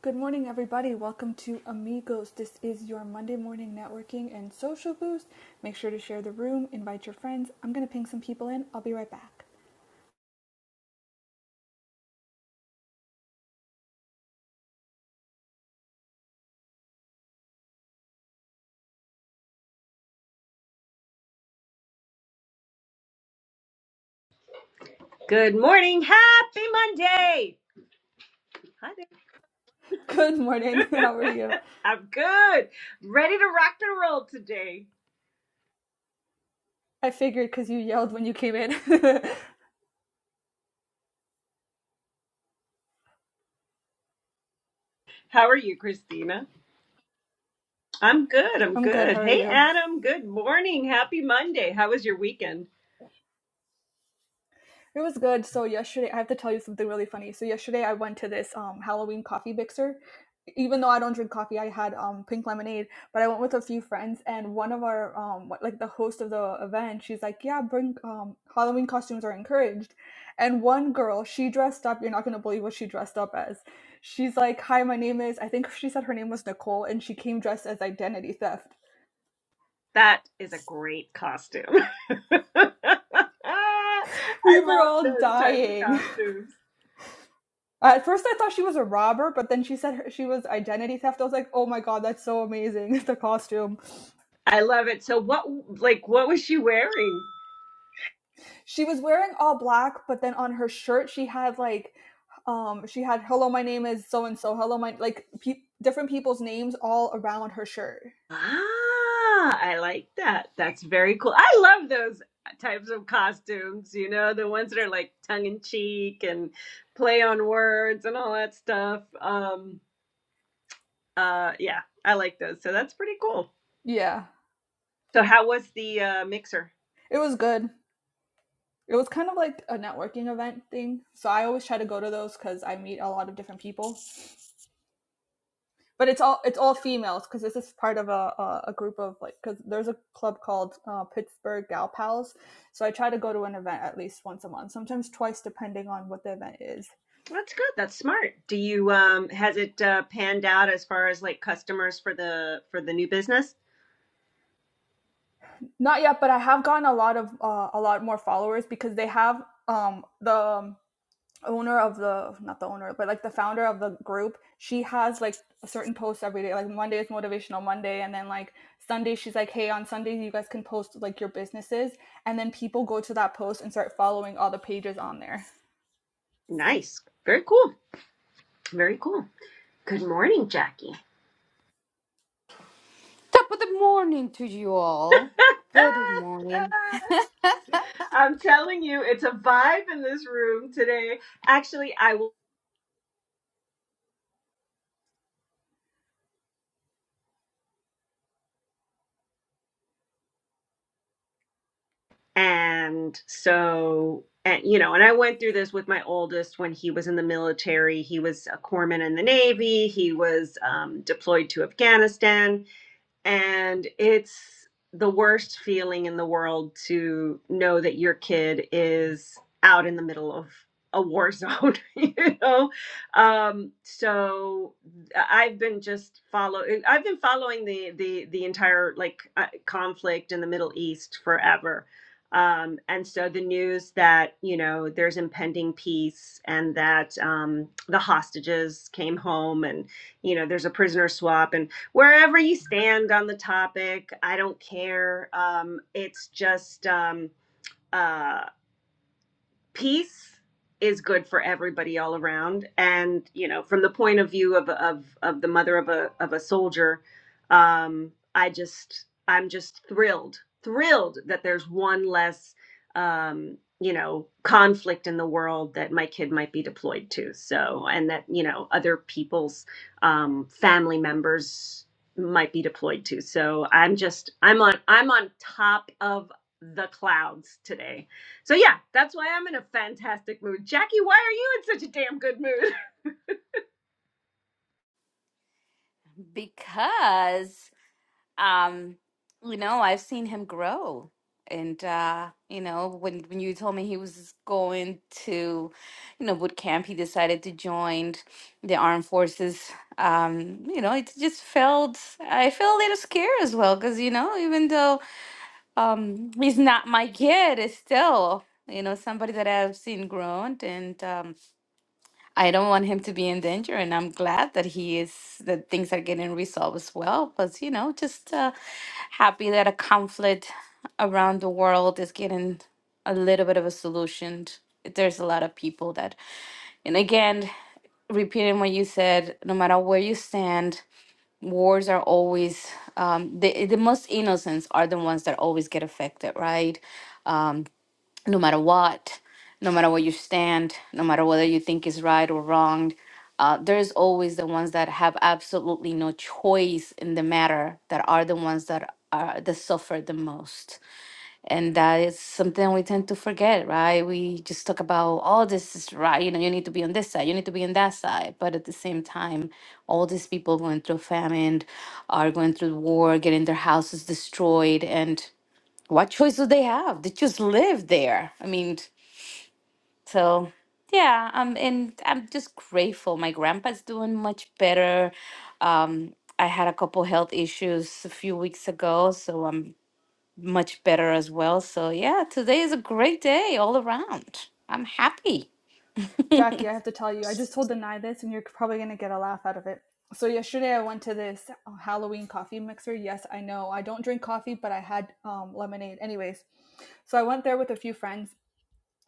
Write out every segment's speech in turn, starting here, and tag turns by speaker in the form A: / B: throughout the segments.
A: Good morning, everybody. Welcome to Amigos. This is your Monday morning networking and social boost. Make sure to share the room, invite your friends. I'm going to ping some people in. I'll be right back.
B: Good morning. Happy Monday. Hi
A: Good morning. How are
B: there.
A: you?
B: I'm good. Ready to rock and roll today.
A: I figured because you yelled when you came in.
B: How are you, Christina? I'm good. I'm
A: I'm good.
B: good.
A: How are
B: Hey,
A: you?
B: Adam. Good morning. Happy Monday. How was your weekend?
A: It was good. So yesterday, I have to tell you something really funny. So yesterday, I went to this um Halloween coffee mixer. Even though I don't drink coffee, I had um pink lemonade. But I went with a few friends, and one of our um what- like the host of the event, she's like, "Yeah, bring um Halloween costumes are encouraged." And one girl, she dressed up. You're not gonna believe what she dressed up as. She's like, "Hi, my name is." I think she said her name was Nicole, and she came dressed as identity theft.
B: That is a great costume. I
A: We were
B: love
A: all
B: those types of
A: dying.
B: costumes.
A: At first, I thought she was a robber, but then she said her, she was identity theft. I was like, oh my god, that's so amazing! The costume.
B: I love it. So what like what was she wearing?
A: She was wearing all black, but then on her shirt, she had like, um, she had "Hello, my name is so and so." Hello, my like pe- different people's names all around her shirt.
B: Ah, I like that. That's very cool. I love those types of costumes, you know, the ones that are like tongue in cheek and play on words and all that stuff. Um, uh, yeah, I like those. So that's pretty cool.
A: Yeah,
B: So how was the uh, mixer?
A: it was good. It was kind of like a networking event thing. So I always try to go to those because I meet a lot of different people. but it's all it's all females because this is part of a, a, a group of like because there's a club called uh, pittsburgh gal pals so i try to go to an event at least once a month sometimes twice depending on what the event is
B: That's good. That's smart. Do you um has it uh, panned out as far as like customers for the for the new business?
A: not yet but i have gotten a lot of uh, a lot more followers because they have um the um, owner of the not the owner but like the founder of the group she has like a certain post every day like monday is motivational monday and then like sunday she's like hey on sundays you guys can post like your businesses and then people go to that post and start following all the pages on there
B: Nice. Very cool. Very cool. Good morning, Jackie.
C: Top of the morning to you all. Good morning.
B: I'm telling you, it's a vibe in this room today. Actually, I will. And so, and, you know, and I went through this with my oldest when he was in the military. He was a corpsman in the Navy, he was um, deployed to Afghanistan and it's the worst feeling in the world to know that your kid is out in the middle of a war zone you know um so i've been just follow eh, i've been following the the the entire like uh, conflict in the middle east forever um and so the news that you know there's impending peace and that um the hostages came home and you know there's a prisoner swap and wherever you stand on the topic i don't care um, it's just um, uh, peace is good for everybody all around and you know from the point of view of of of the mother of a of a soldier um i just i'm just thrilled thrilled that there's one less um you know conflict in the world that my kid might be deployed to so and that you know other people's um family members might be deployed to so i'm just i'm on i'm on top of the clouds today so yeah, that's why I'm in a fantastic mood. Jackie, why are you in such a damn good mood?
C: Because um, you know, I've seen him grow. And uh, you know, when when you told me he was going to, you know, boot camp, he decided to join the armed forces. Um, you know, it just felt I felt a little scared as well, because you know, even though um he's not my kid, it's still, you know, somebody that I've seen grown and um I don't want him to be in danger, and I'm glad that he is that things are getting resolved as well. But you know, just uh, happy that a conflict around the world is getting a little bit of a solution. There's a lot of people that, and again, repeating what you said, no matter where you stand, wars are always um, the the most innocents are the ones that always get affected, right? Um, no matter what, no matter where you stand, no matter whether you think is right or wrong, uh, there's always the ones that have absolutely no choice in the matter that are the ones that are that suffer the most. And that is something we tend to forget, right? We just talk about all this is right, you know, you need to be on this side, you need to be on that side. But at the same time, all these people going through famine are going through war, getting their houses destroyed and what choice do they have? They just live there. I mean, so yeah, um, and I'm just grateful. My grandpa's doing much better. Um, I had a couple health issues a few weeks ago, so I'm much better as well. So yeah, today is a great day all around. I'm happy.
A: jackie i have to tell you i just told denai this and you're probably going to get a laugh out of it so yesterday i went to this uh, halloween coffee mixer yes i know i don't drink coffee but i had um, lemonade anyways so i went there with a few friends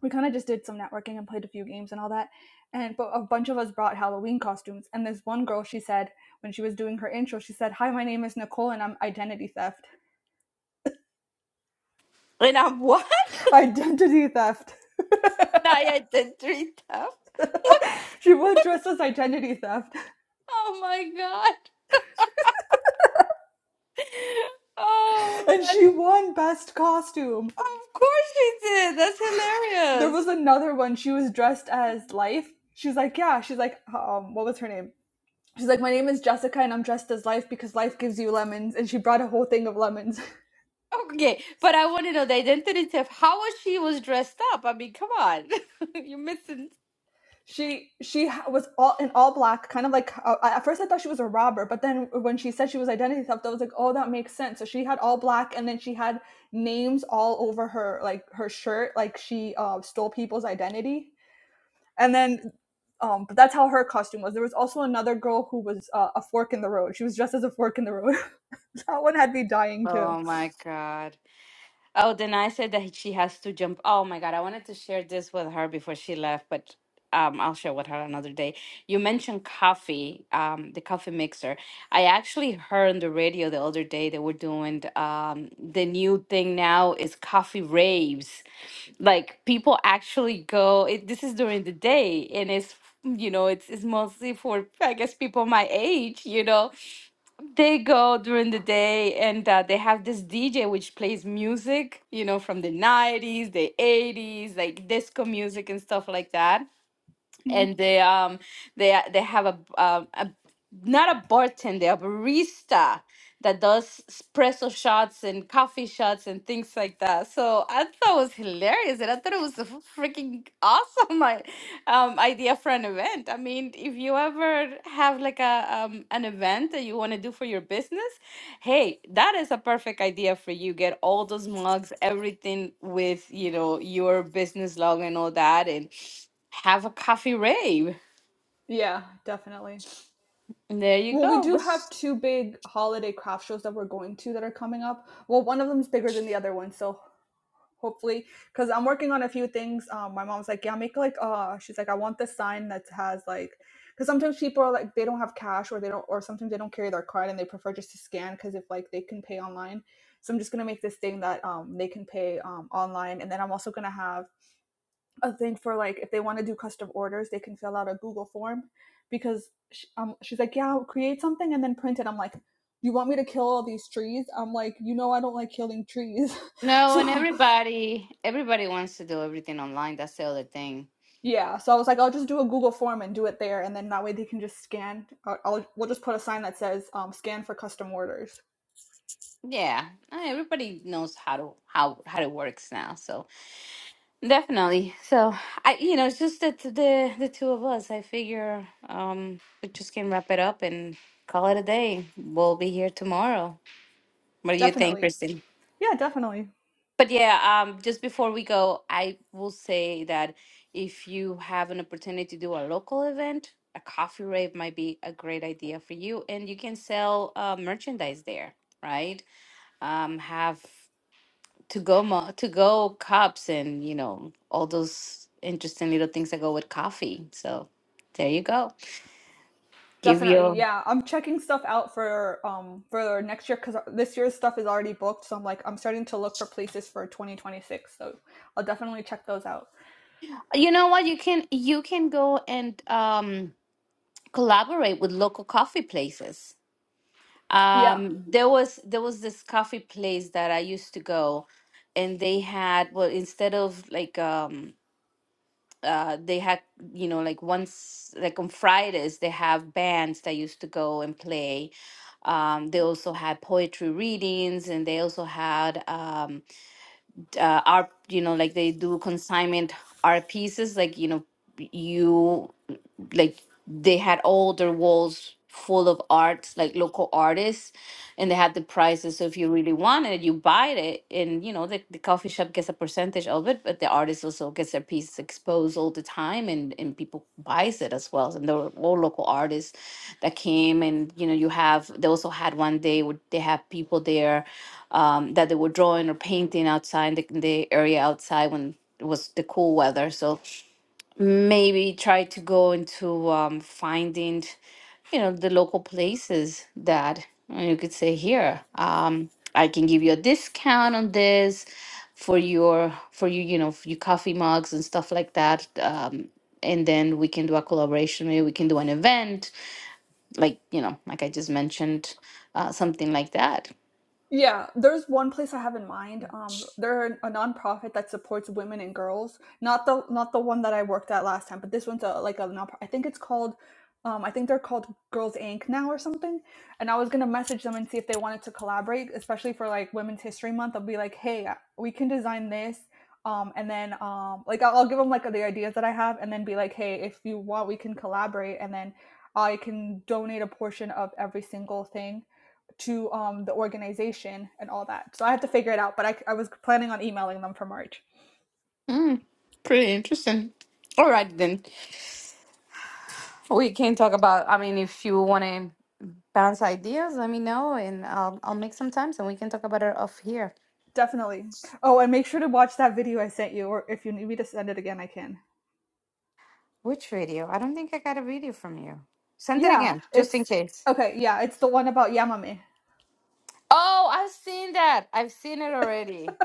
A: we kind of just did some networking and played a few games and all that. And but a bunch of us brought Halloween costumes. And this one girl, she said when she was doing her intro, she said, "Hi, my name is Nicole, and I'm identity theft.
C: And I'm what?
A: Identity theft."
C: I had the three tough. What?
A: She was
C: What?
A: dressed as identity theft,
C: Oh my God. Oh,
A: and
C: that
A: she
C: is-
A: won best costume.
C: of course she did. That's
A: There
C: hilarious.
A: was another one. She was dressed as Life. She's like, yeah. She's like, um, what was her name? She's like, my name is Jessica, and I'm dressed as Life because Life gives you lemons. And she brought a whole thing of lemons.
C: Okay, but I want to know the identity of how was she was dressed up. I mean, come on, you're missing.
A: she she was all in all black kind of like uh, at first i thought she was a robber but then when she said she was identity theft i was like oh that makes sense so she had all black and then she had names all over her like her shirt like she uh, stole people's identity and then um but that's how her costume was there was also another girl who was uh, a fork in the road she was dressed as a fork in the road that one had me dying too
C: Oh my god. Oh, then I said that she has to jump. Oh my God, I wanted to share this with her before she left, but um, I'll share with her another day. You mentioned coffee, um, the coffee mixer. I actually heard on the radio the other day they were doing the, um, the new thing now is coffee raves. Like people actually go. It, this is during the day, and it's you know it's it's mostly for I guess people my age, you know they go during the day and uh, they have this DJ which plays music, you know, from the 90s, the 80s, like disco music and stuff like that
A: Mhm.
C: and they um they they have a, um a not a bartender a barista that does espresso shots and coffee shots and things like that. So I thought it was hilarious, and I thought it was a freaking awesome i- um, idea for an event. I mean, if you ever have like a um, an event that you want to do for your business, hey, that is a perfect idea for you. Get all those mugs, everything with you know your business logo and all that, and have a coffee rave.
A: yeah definitely
C: And there you
A: Well, we
C: go.
A: do have
C: What's-
A: two big holiday craft shows that we're going to that are coming up. Well, one of them's bigger than the other one, so hopefully, because I'm working on a few things. Um, my mom's like, yeah, make like, uh, she's like, I want this sign that has like, because sometimes people are like, they don't have cash or they don't, or sometimes they don't carry their card and they prefer just to scan because if like they can pay online. So I'm just gonna make this thing that um they can pay um online, and then I'm also gonna have a thing for like if they want to do custom orders, they can fill out a Google form because sh um, she's like, yeah, I'll create something and then print it. I'm like, you want me to kill all these trees? I'm like, you know, I don't like killing trees.
C: No, and
A: so
C: everybody everybody wants to do everything online. That's the other thing.
A: yeah, so I was like, I'll just do a Google form and do it there, and then that way they can just scan. I'll, I'll we'll just put a sign that says um, scan for custom orders.
C: Yeah, and everybody knows how to how how it works now. So definitely. So I, you know, it's just that the the two of us. I figure um we just can wrap it up and call it a day. We'll be here tomorrow. What do you think,
A: Definitely,
C: Kristen?
A: yeah, definitely.
C: But yeah, um, just before we go, I will say that if you have an opportunity to do a local event, a coffee rave might be a great idea for you, and you can sell uh, merchandise there, right? Um, have to go mo- to go cups and you know all those interesting little things that go with coffee. So there you go. Give
A: Definitely,
C: your
A: yeah. I'm checking stuff out for um for next year because this year's stuff is already booked. So I'm like, I'm starting to look for places for 2026. So I'll definitely check those out.
C: you know what you can you can go and um collaborate with local coffee places
A: Yeah.
C: Um, there was there was this coffee place that I used to go, and they had well instead of like um uh they had you know like once like on Fridays they have bands that used to go and play. Um, they also had poetry readings, and they also had um uh, art you know like they do consignment art pieces like you know you like they had all their walls full of arts, like local artists, and they had the prices. So if you really wanted it, you buy it, and you know the, the coffee shop gets a percentage of it, but the artist also gets their piece exposed all the time, and and people buys it as well. And there were all local artists that came, and you know you have they also had one day where they have people there um, that they were drawing or painting outside the, the area outside when it was the cool weather. So maybe try to go into um, finding, you know, the local places that uh, you could say here. Um, I can give you a discount on this for your for you you know for your coffee mugs and stuff like that. Um, and then we can do a collaboration. Maybe we can do an event, like you know, like I just mentioned, uh, something like that.
A: Yeah, there's one place I have in mind. Um, they're a nonprofit that supports women and girls. Not the not the one that I worked at last time, but this one's a like a non. I think it's called, um, I think they're called Girls Inc. now or something. And I was gonna message them and see if they wanted to collaborate, especially for like Women's History Month. I'll be like, hey, uh, we can design this. Um, and then um, like I'll, I'll give them like the ideas that I have, and then be like, hey, if you want, we can collaborate, and then I can donate a portion of every single thing to um, the organization and all that. So I have to figure it out, but I, I was planning on emailing them for March.
C: Mm, pretty interesting. All right then, we can talk about. I mean, if you want to. bounce ideas, let me know and I'll I'll make some times and we can talk about it off here.
A: Definitely. Oh, and make sure to watch that video I sent you, or if you need me to send it again, I can.
C: Which video? I don't think I got a video from you. Send it
A: Yeah,
C: again, just
A: it's
C: in case.
A: okay. Yeah, it's the one about Yamame.
C: Oh, I've seen that. I've seen it already.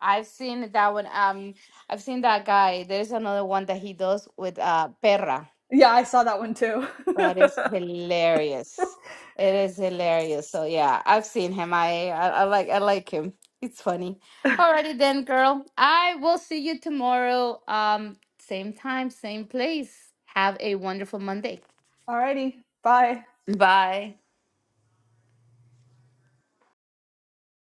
C: I've seen that one. Um, I've seen that guy. There's another one that he does with uh Perra.
A: Yeah, I saw that one too.
C: That is hilarious. It is hilarious. So yeah, I've seen him. I I, I like I like him. It's funny. Alrighty then, girl. I will see you tomorrow. Um, same time, same place. Have a wonderful Monday.
A: Alrighty, bye.
C: Bye.